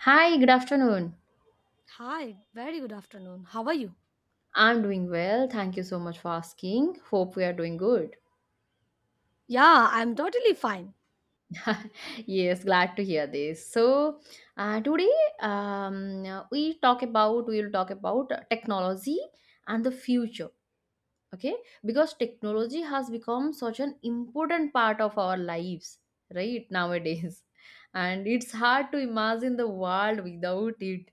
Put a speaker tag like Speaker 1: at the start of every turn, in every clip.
Speaker 1: Hi, good afternoon.
Speaker 2: Hi, very good afternoon. How are you?
Speaker 1: I'm doing well. Thank you so much for asking. Hope we are doing good.
Speaker 2: Yeah, I'm totally fine.
Speaker 1: Yes, glad to hear this. So today we will talk about technology and the future. Okay, because technology has become such an important part of our lives right nowadays, and it's hard to imagine the world without it.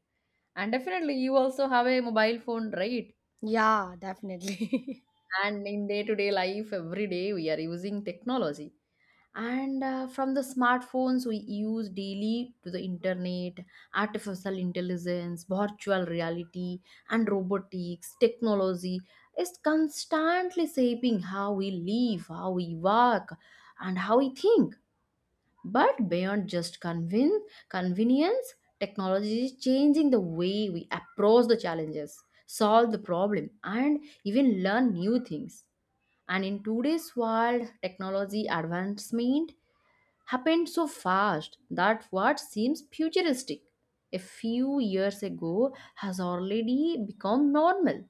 Speaker 1: And definitely, you also have a mobile phone, right?
Speaker 2: Yeah, definitely.
Speaker 1: And in day to day life every day we are using technology and from the smartphones we use daily to the internet, artificial intelligence, virtual reality and robotics, technology is constantly shaping how we live, how we work and how we think. But beyond just convenience, technology is changing the way we approach the challenges, solve the problem and even learn new things. And in today's world, technology advancement happened so fast that what seems futuristic a few years ago has already become normal.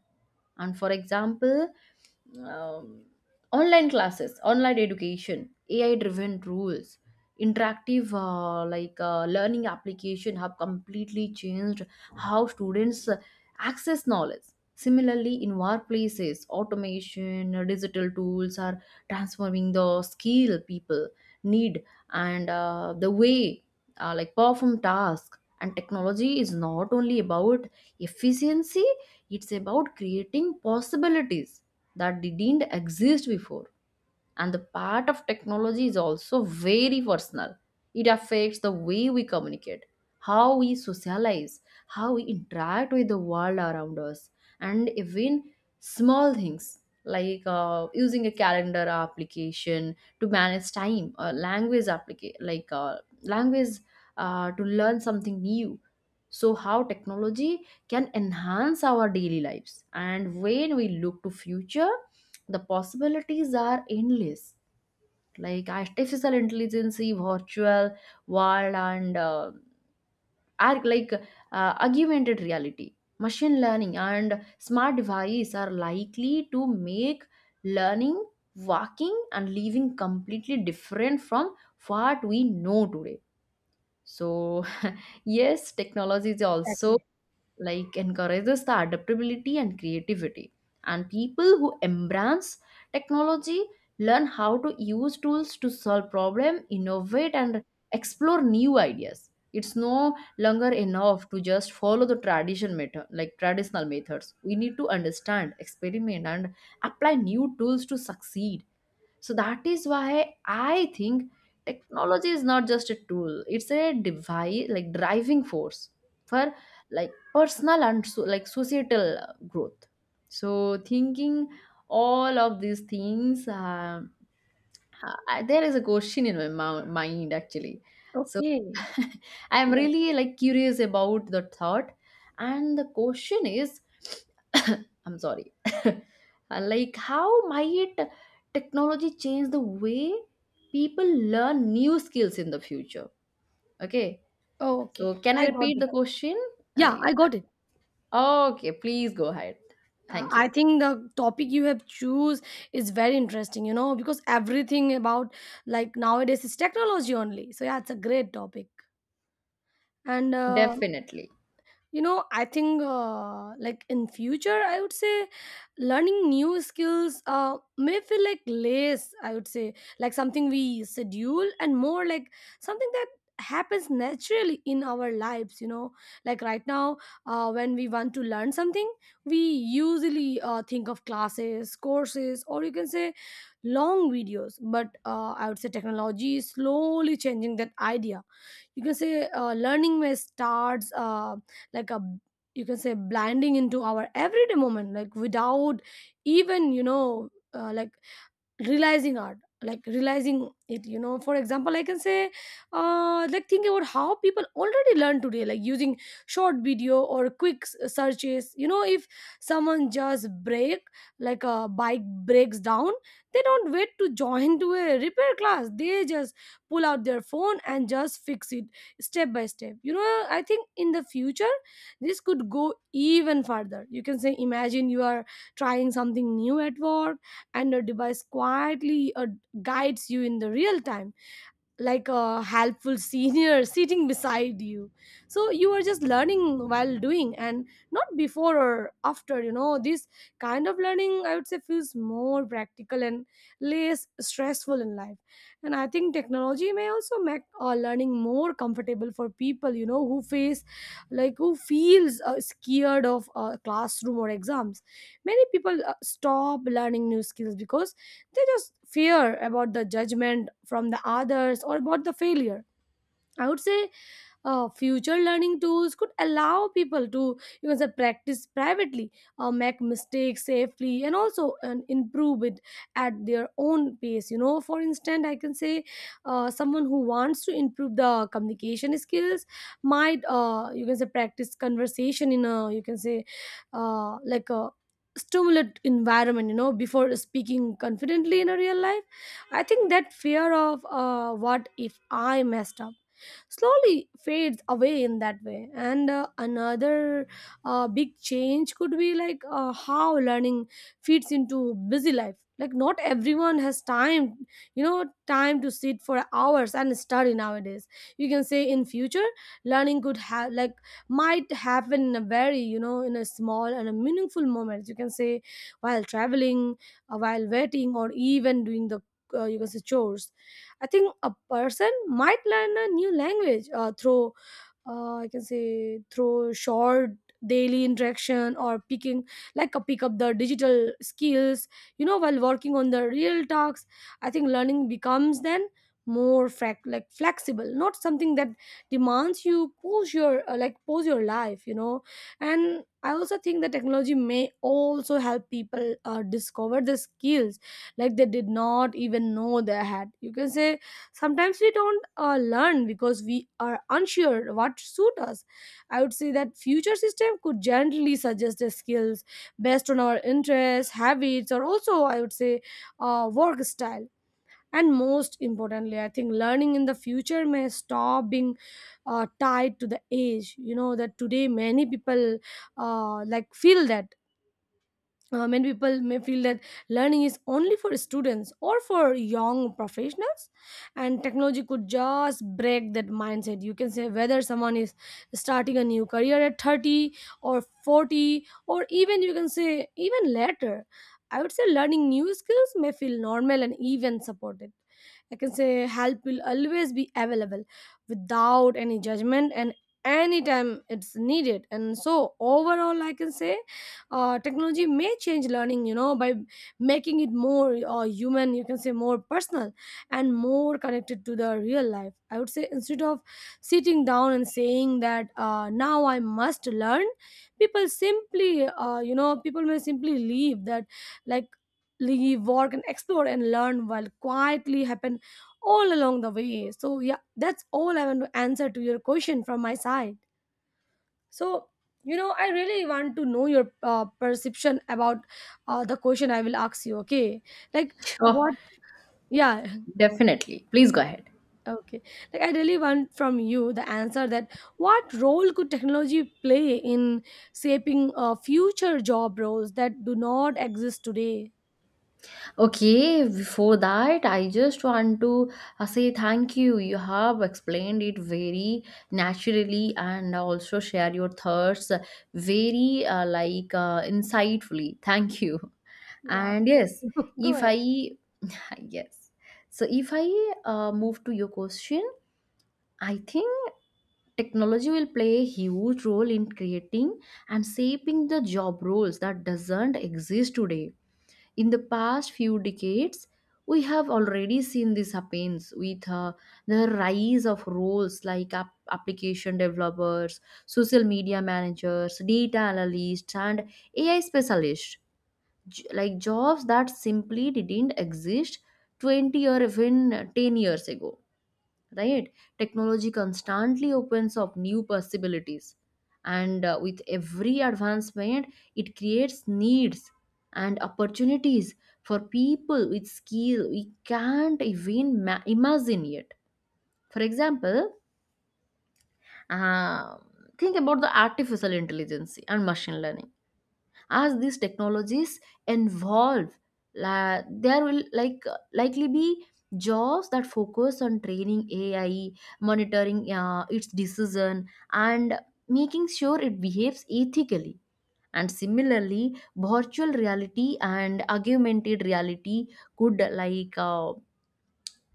Speaker 1: And for example, um, online classes, online education, AI driven rules, interactive learning application have completely changed how students access knowledge. Similarly, in workplaces, automation, digital tools are transforming the skill people need and the way perform tasks. And technology is not only about efficiency, it's about creating possibilities that didn't exist before. And the part of technology is also very personal. It affects the way we communicate, how we socialize, how we interact with the world around us, and even small things like using a calendar application to manage time, a language applica- like language to learn something new. So how technology can enhance our daily lives, and when we look to future the possibilities are endless, like artificial intelligence, virtual world and are like augmented reality, machine learning and smart device are likely to make learning, walking and living completely different from what we know today. So yes, technology is also
Speaker 2: Exactly.
Speaker 1: like encourages the adaptability and creativity, and people who embrace technology learn how to use tools to solve problem, innovate and explore new ideas. It's no longer enough to just follow the tradition method like traditional methods We need to understand, experiment and apply new tools to succeed. So that is why I think technology is not just a tool; it's a device, like driving force for like personal and societal growth. So thinking all of these things, there is a question in my mind actually. So,
Speaker 2: Okay.
Speaker 1: I'm
Speaker 2: Yeah.
Speaker 1: really like curious about the thought. And the question is, I'm sorry, like how might technology change the way people learn new skills in the future? Okay,
Speaker 2: Okay.
Speaker 1: so can I
Speaker 2: I got
Speaker 1: repeat
Speaker 2: the
Speaker 1: the
Speaker 2: top-
Speaker 1: question?
Speaker 2: Yeah,
Speaker 1: I,
Speaker 2: I got it.
Speaker 1: okay, please go ahead. Thank you.
Speaker 2: I think the topic you have choose is very interesting, you know, because everything about like nowadays is technology only. So yeah, it's a great topic. And
Speaker 1: Definitely.
Speaker 2: you know, I think like in future I would say learning new skills may feel like less, I would say, like something we schedule, and more like something that happens naturally in our lives, you know, like right now. When we want to learn something, we usually think of classes, courses, or you can say long videos, but I would say technology is slowly changing that idea. You can say learning may starts, like a, you can say, blending into our everyday moment, like without even, you know, like realizing art like realizing it, you know. For example, I can say think about how people already learn today, like using short video or searches. You know, if someone just break like a bike breaks down, they don't wait to join to a repair class, they just pull out their phone and just fix it step by step. You know, I think in the future this could go even further. You can say imagine you are trying something new at work and your device quietly guides you in the real time, like a helpful senior sitting beside you. So you are just learning while doing and not before or after, you know. This kind of learning, I would say, feels more practical and less stressful in life. And I think technology may also make learning more comfortable for people, you know, who face like who feels scared of classroom or exams. Many people stop learning new skills because they just fear about the judgment from the others or about the failure. I would say future learning tools could allow people to, you can say, practice privately, make mistakes safely, and also and improve it at their own pace. You know, for instance, I can say someone who wants to improve the communication skills might, you can say, practice conversation in a, you can say, like a stimulant environment. You know, before speaking confidently in a real life, I think that fear of what if I messed up slowly fades away in that way. And another big change could be like how learning fits into busy life, like not everyone has time, you know, time to sit for hours and study nowadays. You can say in future learning could have like might happen in a very, you know, in a small and a meaningful moment. You can say while traveling, while waiting, or even doing the, you can say, chores. I think a person might learn a new language through, I can say, through short daily interaction, or picking like a pick up the digital skills, you know, while working on the real tasks. I think learning becomes then more like flexible, not something that demands you pose your, like pose your life, you know. And I also think that technology may also help people discover the skills like they did not even know they had. You can say sometimes we don't learn because we are unsure what suit us. I would say that future system could gently suggest the skills based on our interests, habits, or also, I would say, work style. And most importantly, I think learning in the future may stop being tied to the age, you know, that today many people like feel that, many people may feel that learning is only for students or for young professionals, and technology could just break that mindset. You can say whether someone is starting a new career at 30 or 40, or even, you can say, even later, I would say learning new skills may feel normal and even supported. I can say help will always be available without any judgment and anytime it's needed. And so overall, I can say technology may change learning, you know, by making it more human, you can say more personal and more connected to the real life. I would say instead of sitting down and saying that now I must learn, you know, people may simply leave that like leave work and explore and learn while quietly happen all along the way. So, yeah, that's all I want to answer to your question from my side. So, you know, I really want to know your perception about the question I will ask you, okay? Like,
Speaker 1: Oh,
Speaker 2: what, yeah,
Speaker 1: definitely. Please go ahead.
Speaker 2: okay. Like, I really want from you the answer that what role could technology play in shaping future job roles that do not exist today?
Speaker 1: Okay, before that, I just want to say thank you. You have explained it very naturally and also share your thoughts very insightfully. Thank you.
Speaker 2: Yeah,
Speaker 1: And
Speaker 2: thank
Speaker 1: yes,
Speaker 2: you. Go
Speaker 1: if
Speaker 2: ahead.
Speaker 1: I yes, so if I move to your question, I think technology will play a huge role in creating and shaping the job roles that doesn't exist today. In the past few decades we have already seen this happens with the rise of roles like application developers, social media managers, data analysts and ai specialists. Jobs that simply didn't exist 20 or even 10 years ago, right? Technology constantly opens up new possibilities, and with every advancement it creates needs and opportunities for people with skill we can't even imagine yet. For example, uh, think about the artificial intelligence and machine learning. As these technologies evolve, there will likely be jobs that focus on training ai, monitoring its decision and making sure it behaves ethically. And similarly, virtual reality and augmented reality could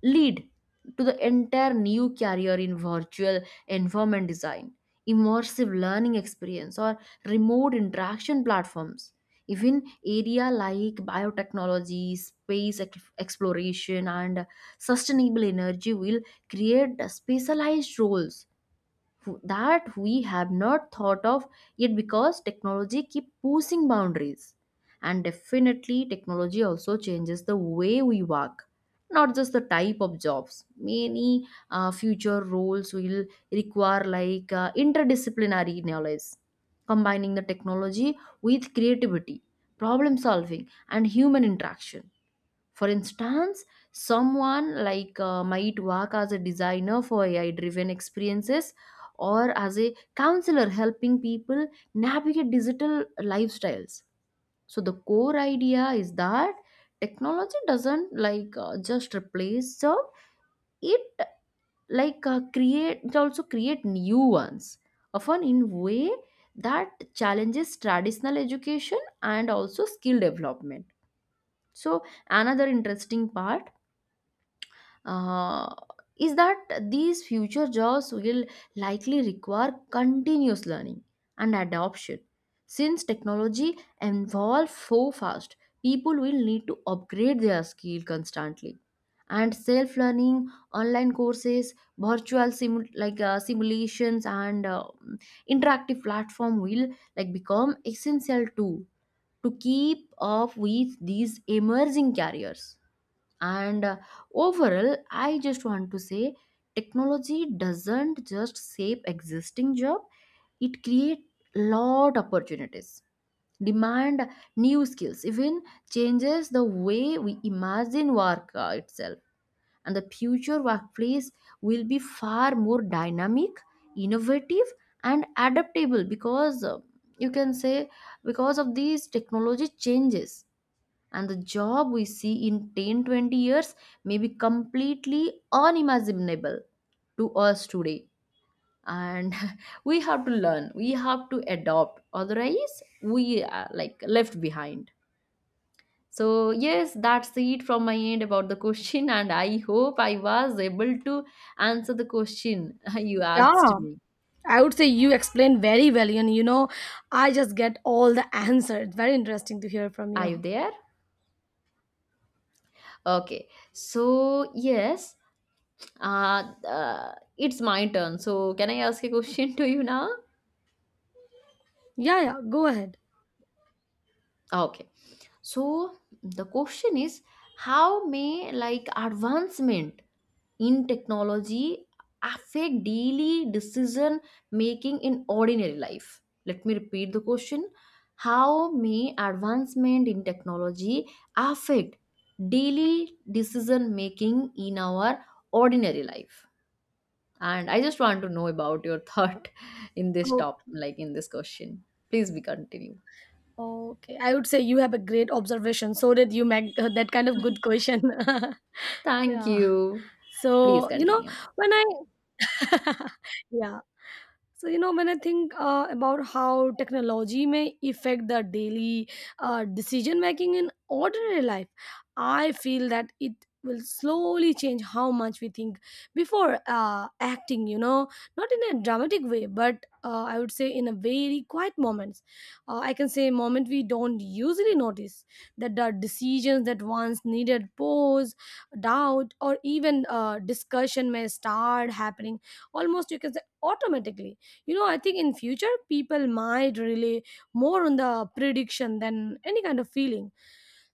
Speaker 1: lead to the entire new career in virtual environment design, immersive learning experience, or remote interaction platforms. Even area like biotechnology, space exploration, and sustainable energy will create specialized roles that we have not thought of yet, because technology keep pushing boundaries. And definitely technology also changes the way we work, not just the type of jobs. Many future roles will require interdisciplinary knowledge, combining the technology with creativity, problem solving and human interaction. For instance, someone might work as a designer for AI driven experiences or as a counselor helping people navigate digital lifestyles. So the core idea is that technology doesn't just replace job, it like create it also create new ones, often in way that challenges traditional education and also skill development. So another interesting part uh, is that these future jobs will likely require continuous learning and adoption. Since technology evolves so fast, people will need to upgrade their skill constantly. And self-learning, online courses, virtual simulations, and interactive platform will like become essential too to keep up with these emerging careers. And Overall, I just want to say technology doesn't just save existing job, it create lot opportunities, demand new skills, even changes the way we imagine work itself. And the future workplace will be far more dynamic, innovative, and adaptable because you can say because of these technology changes, and the job we see in 10, 20 years may be completely unimaginable to us today. And we have to learn, we have to adopt, otherwise we are like left behind. So yes, that's it from my end about the question. And I hope I was able to answer the question you asked
Speaker 2: Yeah,
Speaker 1: me.
Speaker 2: I would say you explained very well, and you know, I just get all the answers. It's very interesting to hear from
Speaker 1: Are you
Speaker 2: you.
Speaker 1: there? Okay, so yes, it's my turn, so can I ask a question to you now?
Speaker 2: Yeah, yeah, go ahead.
Speaker 1: Okay. So the question is, how may like advancement in technology affect daily decision making in ordinary life? Let me repeat the question. How may advancement in technology affect daily decision making in our ordinary life? And I just want to know about your thought in this question. Please be continue.
Speaker 2: Oh, okay. I would say you have a great observation. So did you make that kind of good question.
Speaker 1: Thank
Speaker 2: Yeah.
Speaker 1: you. Please
Speaker 2: So, you know,
Speaker 1: continue.
Speaker 2: when I, yeah. So you know when I think about how technology may affect the daily decision making in ordinary life, I feel that it will slowly change how much we think before acting. You know, not in a dramatic way, but I would say in a very quiet moments. I can say moment we don't usually notice that the decisions that once needed pause, doubt, or even discussion may start happening almost, you can say, automatically. You know, I think in future people might rely more on the prediction than any kind of feeling.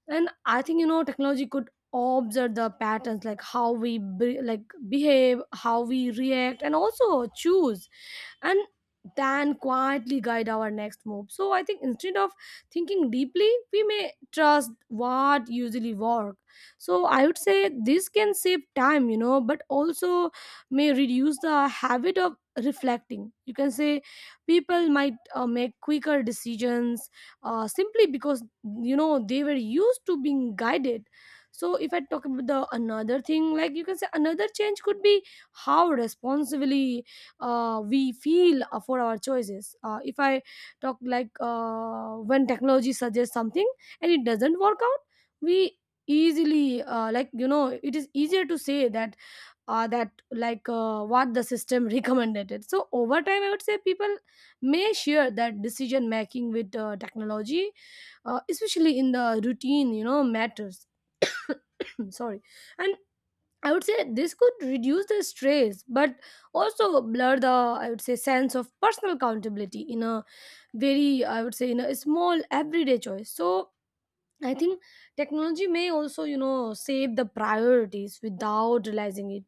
Speaker 2: And I think, you know, technology could observe the patterns, like like behave, how we react, and also choose, and then quietly guide our next move. So I think instead of thinking deeply, we may trust what usually work. So I would say this can save time, you know, but also may reduce the habit of reflecting. You can say people might make quicker decisions simply because, you know, they were used to being guided. So if I talk about the another thing, like you can say another change could be how responsibly we feel for our choices. If I talk like when technology suggests something and it doesn't work out, we easily like you know it is easier to say that what the system recommended it. So over time, I would say people may share that decision making with technology, especially in the routine, you know, matters. Sorry. And I would say this could reduce the stress, but also blur the, I would say, sense of personal accountability in a very, I would say, in a small everyday choice. So I think technology may also, you know, save the priorities without realizing it.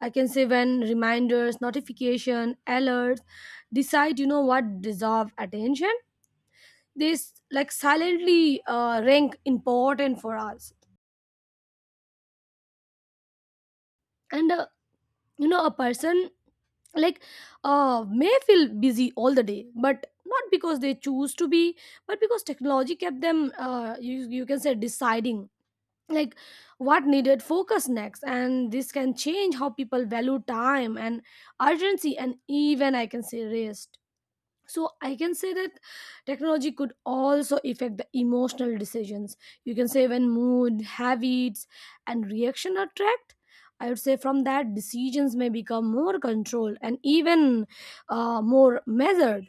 Speaker 2: I can say when reminders, notification, alerts decide, you know, what deserve attention, they like silently rank important for us. And you know, a person like may feel busy all the day, but not because they choose to be, but because technology kept them you can say deciding like what needed focus next. And this can change how people value time and urgency and even, I can say, rest. So I can say that technology could also affect the emotional decisions. You can say when mood, habits, and reaction are tracked, I would say from that decisions may become more controlled and even more measured.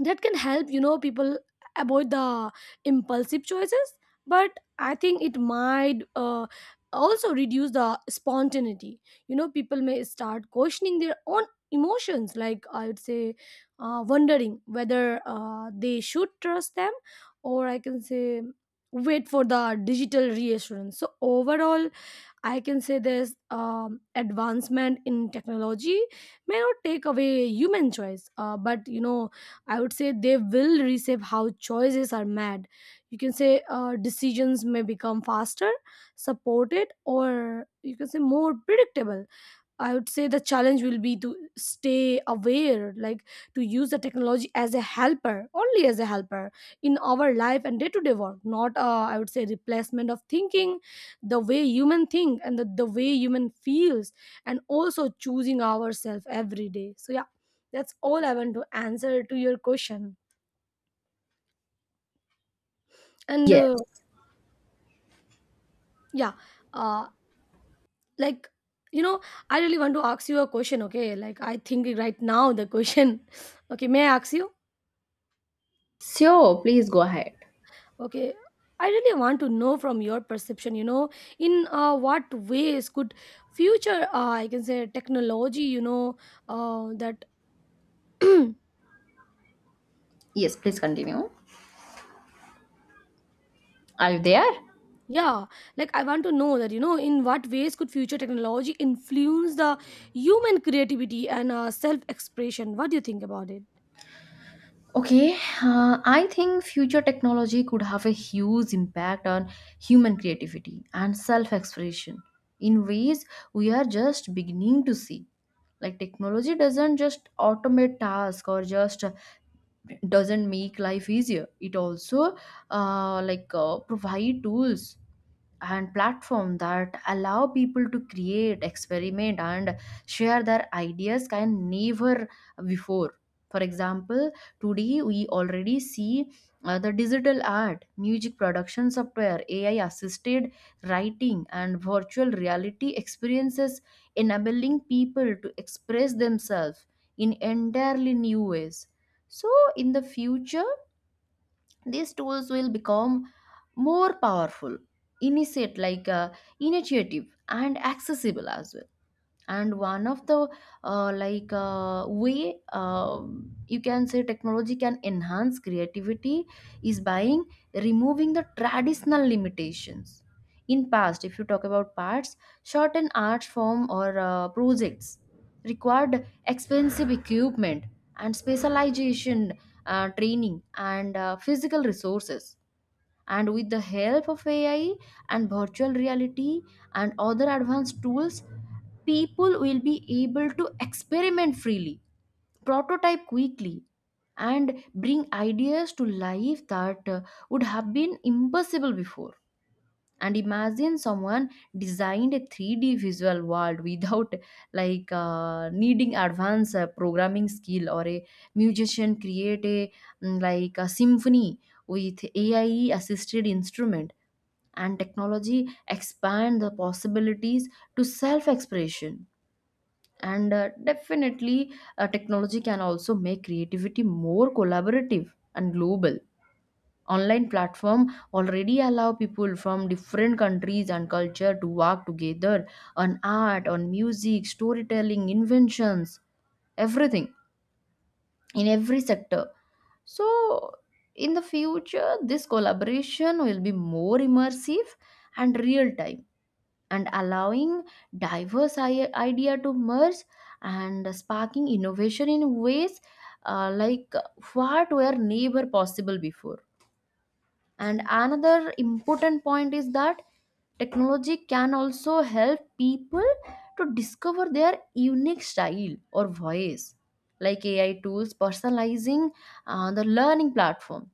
Speaker 2: That can help, you know, people avoid the impulsive choices, but I think it might also reduce the spontaneity. You know, people may start questioning their own emotions, like I would say wondering whether they should trust them, or I can say wait for the digital reassurance. So overall, I can say this advancement in technology may not take away human choice, but you know, I would say they will reshape how choices are made. You can say decisions may become faster, supported, or, you can say, more predictable. I would say the challenge will be to stay aware, like to use the technology as a helper, only as a helper in our life and day to day work, not, I would say, replacement of thinking, the way human think, and the way human feels, and also choosing ourselves every day. So, yeah, that's all I want to answer to your question. And
Speaker 1: Yes.
Speaker 2: yeah, uh, like, you know, I really want to ask you a question, okay? I think right now the question, okay, may I ask you?
Speaker 1: Sure, please go ahead.
Speaker 2: Okay, I really want to know from your perception, in what ways could future, I can say, technology, uh, that,
Speaker 1: Yes, please continue. Are you there?
Speaker 2: yeah, I want to know that, in what ways could future technology influence the human creativity and self expression? What do you think about it?
Speaker 1: Okay, I think future technology could have a huge impact on human creativity and self expression in ways we are just beginning to see. Like, technology doesn't just automate tasks or just doesn't make life easier, it also provide tools and platform that allow people to create, experiment and share their ideas can never before. For example, today we already see the digital art, music production software, ai assisted writing and virtual reality experiences enabling people to express themselves in entirely new ways. So in the future these tools will become more powerful, initiate like initiative and accessible as well. And one of the way you can say technology can enhance creativity is by removing the traditional limitations. In past, if you talk about parts short and art form or projects required expensive equipment and specialization, training and physical resources. And with the help of ai and virtual reality and other advanced tools, people will be able to experiment freely, prototype quickly, and bring ideas to life that would have been impossible before. And imagine someone designed a 3D visual world without needing advanced programming skill, or a musician create a a symphony with AI assisted instrument. And technology expand the possibilities to self expression. And definitely, technology can also make creativity more collaborative and global. Online platform already allow people from different countries and culture to work together on art, on music, storytelling, inventions, everything, in every sector. So in the future this collaboration will be more immersive and real time, and allowing diverse idea to merge and sparking innovation in ways uh, like what were never possible before. And another important point is that technology can also help people to discover their unique style or voice, like AI tools personalizing the learning platform.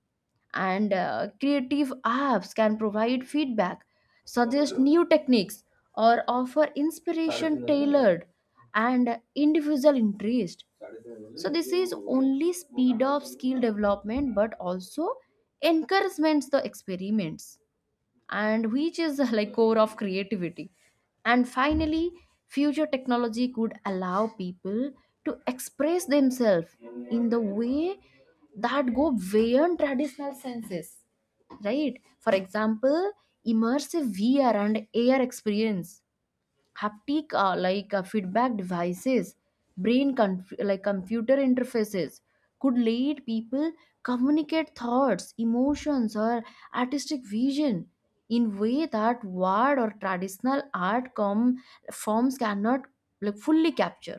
Speaker 1: And Creative apps can provide feedback, suggest new techniques, or offer inspiration tailored and individual interest. So this is only speed of skill development but also encouragements the experiments, and which is like core of creativity. And finally, future technology could allow people to express themselves in the way that go beyond traditional senses, right? For example, immersive vr and ar experience, haptic feedback devices, brain computer interfaces could lead people communicate thoughts, emotions or artistic vision in way that word or traditional forms cannot like fully capture.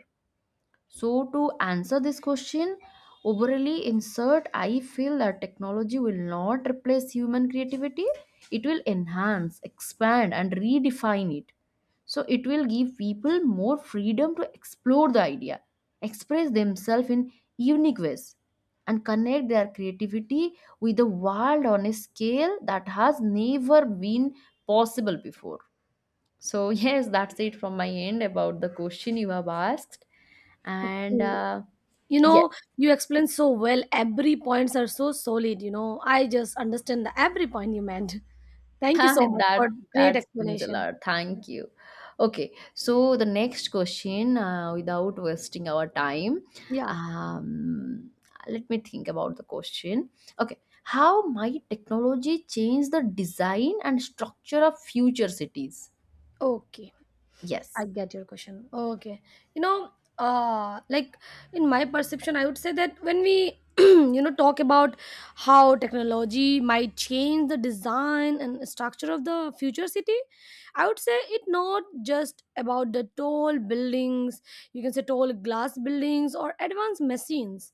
Speaker 1: So, to answer this question, overly insert, I feel that technology will not replace human creativity. It will enhance, expand, and redefine it. So, it will give people more freedom to explore the idea, express themselves in unique ways, and connect their creativity with the world on a scale that has never been possible before. So, yes, that's it from my end about the question you have asked. And
Speaker 2: Okay.
Speaker 1: uh,
Speaker 2: You
Speaker 1: yes,
Speaker 2: know, you explain so well. Every points are so solid. I just understand the every point you meant. Thank you so much
Speaker 1: that
Speaker 2: for great
Speaker 1: that means a
Speaker 2: explanation.
Speaker 1: lot. Thank you. Okay, so the next question, without wasting our time,
Speaker 2: Yeah.
Speaker 1: um, let me think about the question. Okay, how might technology change the design and structure of future cities?
Speaker 2: Okay. I
Speaker 1: Yes.
Speaker 2: get your question. Okay. You know, uh, like in my perception, I would say that when we, talk about how technology might change the design and structure of the future city, I would say it not just about the tall buildings, you can say tall glass buildings or advanced machines.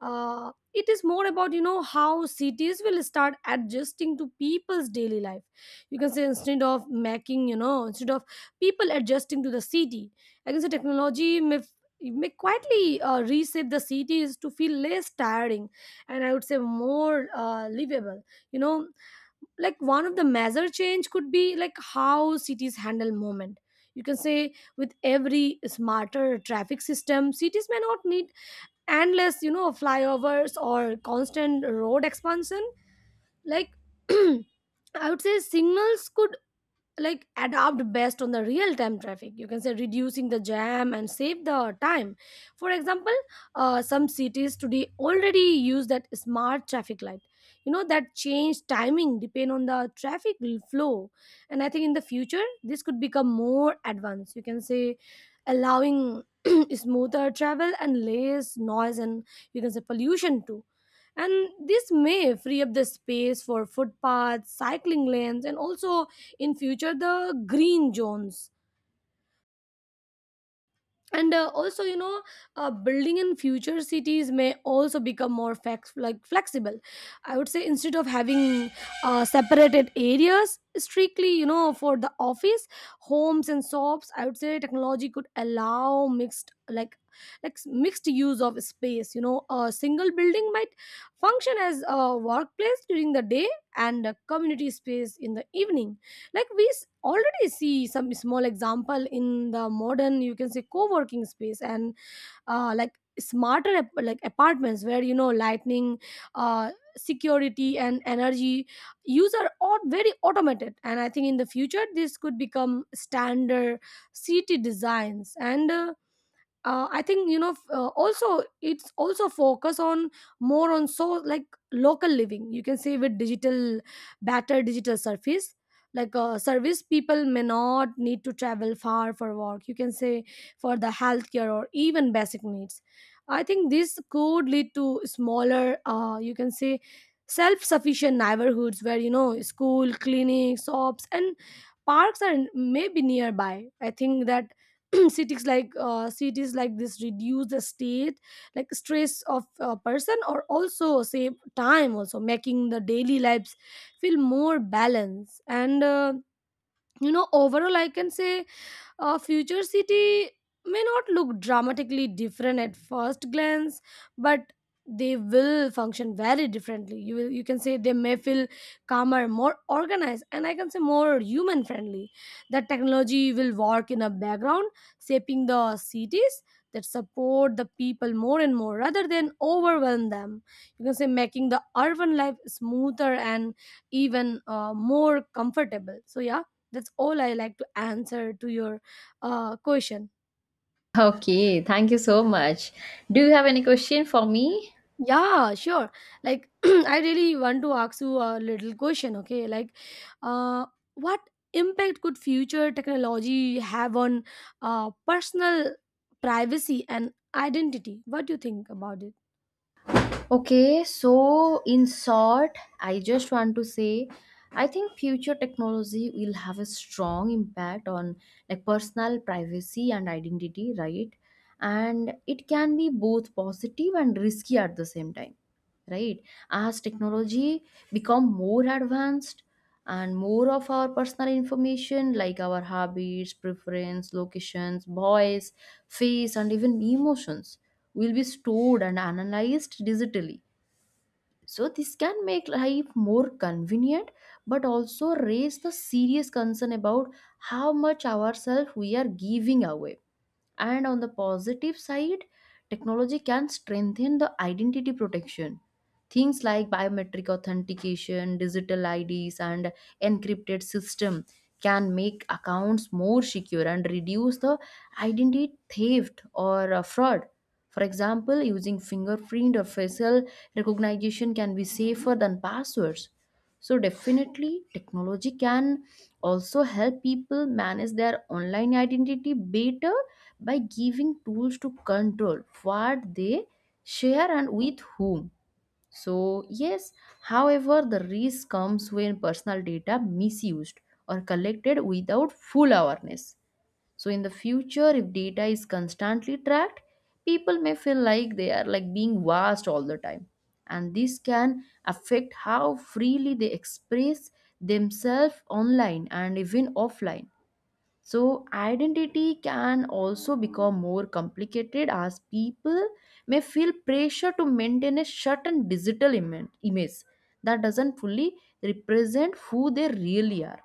Speaker 2: It is more about you know how cities will start adjusting to people's daily life. You can say instead of making you know instead of people adjusting to the city. I can say may quietly reshape the cities to feel less tiring and I would say more livable. You know, like one of the major change could be like how cities handle movement. You can say with every smarter traffic system, cities may not need endless, you know, flyovers or constant road expansion. Like I would say signals could adapt best on the real time traffic, you can say reducing the jam and save the time. For example, some cities today already use that smart traffic light, you know, that change timing depend on the flow. And I think in the future this could become more advanced, you can say allowing smoother travel and less noise and you can say pollution too. And this may free up the space for footpaths, cycling lanes, and also in future the green zones. And also you know, building in future cities may also become more flex- like flexible. I would say instead of having separated areas strictly, you know, for the office, homes and shops, I would say technology could allow mixed like mixed use of space. You know, a single building might function as a workplace during the day and a community space in the evening. Already see some small example in the modern, you can say co-working space and like apartments where you know lightning, security and energy use are all very automated. And I think in the future this could become standard city designs. And I think you know also it's also focus on more on so like local living. You can say with digital better digital surface, service, people may not need to travel far for work, you can say for the healthcare or even basic needs. I think this could lead to smaller you can say self-sufficient neighborhoods where you know school, clinics, shops and parks are maybe nearby. I think that cities like this reduce the state like stress of a person or also save time, also making the daily lives feel more balanced. And you know overall I can say a future city may not look dramatically different at first glance, but they will function very differently. You will, you can say they may feel calmer, more organized, and I can say more human friendly. That technology will work in a background, shaping the cities that support the people more and more rather than overwhelm them. You can say making the urban life smoother and even more comfortable. So yeah, that's all I like to answer to your question.
Speaker 1: Okay, thank you so much. Do you have any question for me?
Speaker 2: Yeah, sure. Like, I really want to ask you a little question, okay? Uh, what impact could future technology have on personal privacy and identity? What do you think about it?
Speaker 1: Okay, so in short, I just want to say I think future technology will have a strong impact on like personal privacy and identity, right? And it can be both positive and risky at the same time, right? As technology become more advanced, and more of our personal information like our habits, preference, locations, voice, face and even emotions will be stored and analyzed digitally. So, this can make life more convenient but also raise the serious concern about how much ourselves we are giving away. And on the positive side, technology can strengthen the identity protection. Things like biometric authentication, digital IDs, and encrypted system can make accounts more secure and reduce the identity theft or fraud. For example, using fingerprint or facial recognition can be safer than passwords. So, definitely, technology can also help people manage their online identity better by giving tools to control what they share and with whom. So, yes, however, the risk comes when personal data misused or collected without full awareness. So, in the future, if data is constantly tracked, people may feel like they are like being watched all the time. And this can affect how freely they express themselves online and even offline. So, identity can also become more complicated as people may feel pressure to maintain a certain digital image that doesn't fully represent who they really are.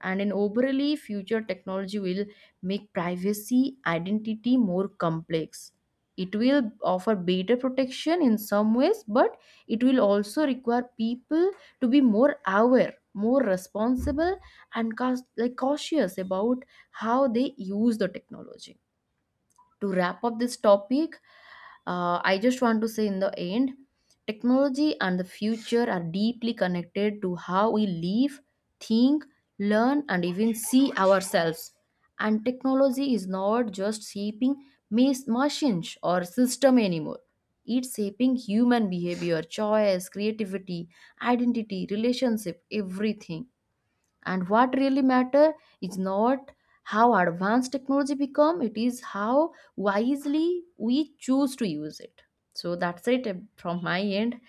Speaker 1: And in overly future, technology will make privacy identity more complex. It will offer better protection in some ways, but it will also require people to be more aware, more responsible and cause, like cautious about how they use the technology. To wrap up this topic, I just want to say in the end, technology and the future are deeply connected to how we live, think, learn, and even see ourselves. And technology is not just shaping machines or system anymore. It's shaping human behavior, choice, creativity, identity, relationship, everything. And what really matter is not how advanced technology become, it is how wisely we choose to use it. So that's it from my end.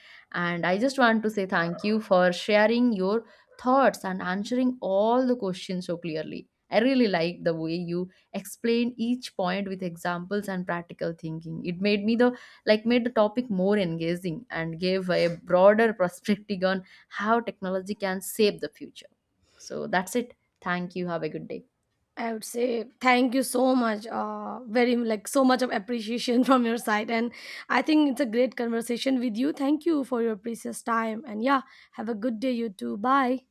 Speaker 1: And I just want to say thank you for sharing your thoughts and answering all the questions so clearly. I really like the way you explain each point with examples and practical thinking. It made me the like made the topic more engaging and gave a broader perspective on how technology can shape the future. So that's it. Thank you. Have a good day.
Speaker 2: I would say thank you so much. Very like so much of appreciation from your side, and I think it's a great conversation with you. Thank you for your precious time, and yeah, have a good day, you too. Bye.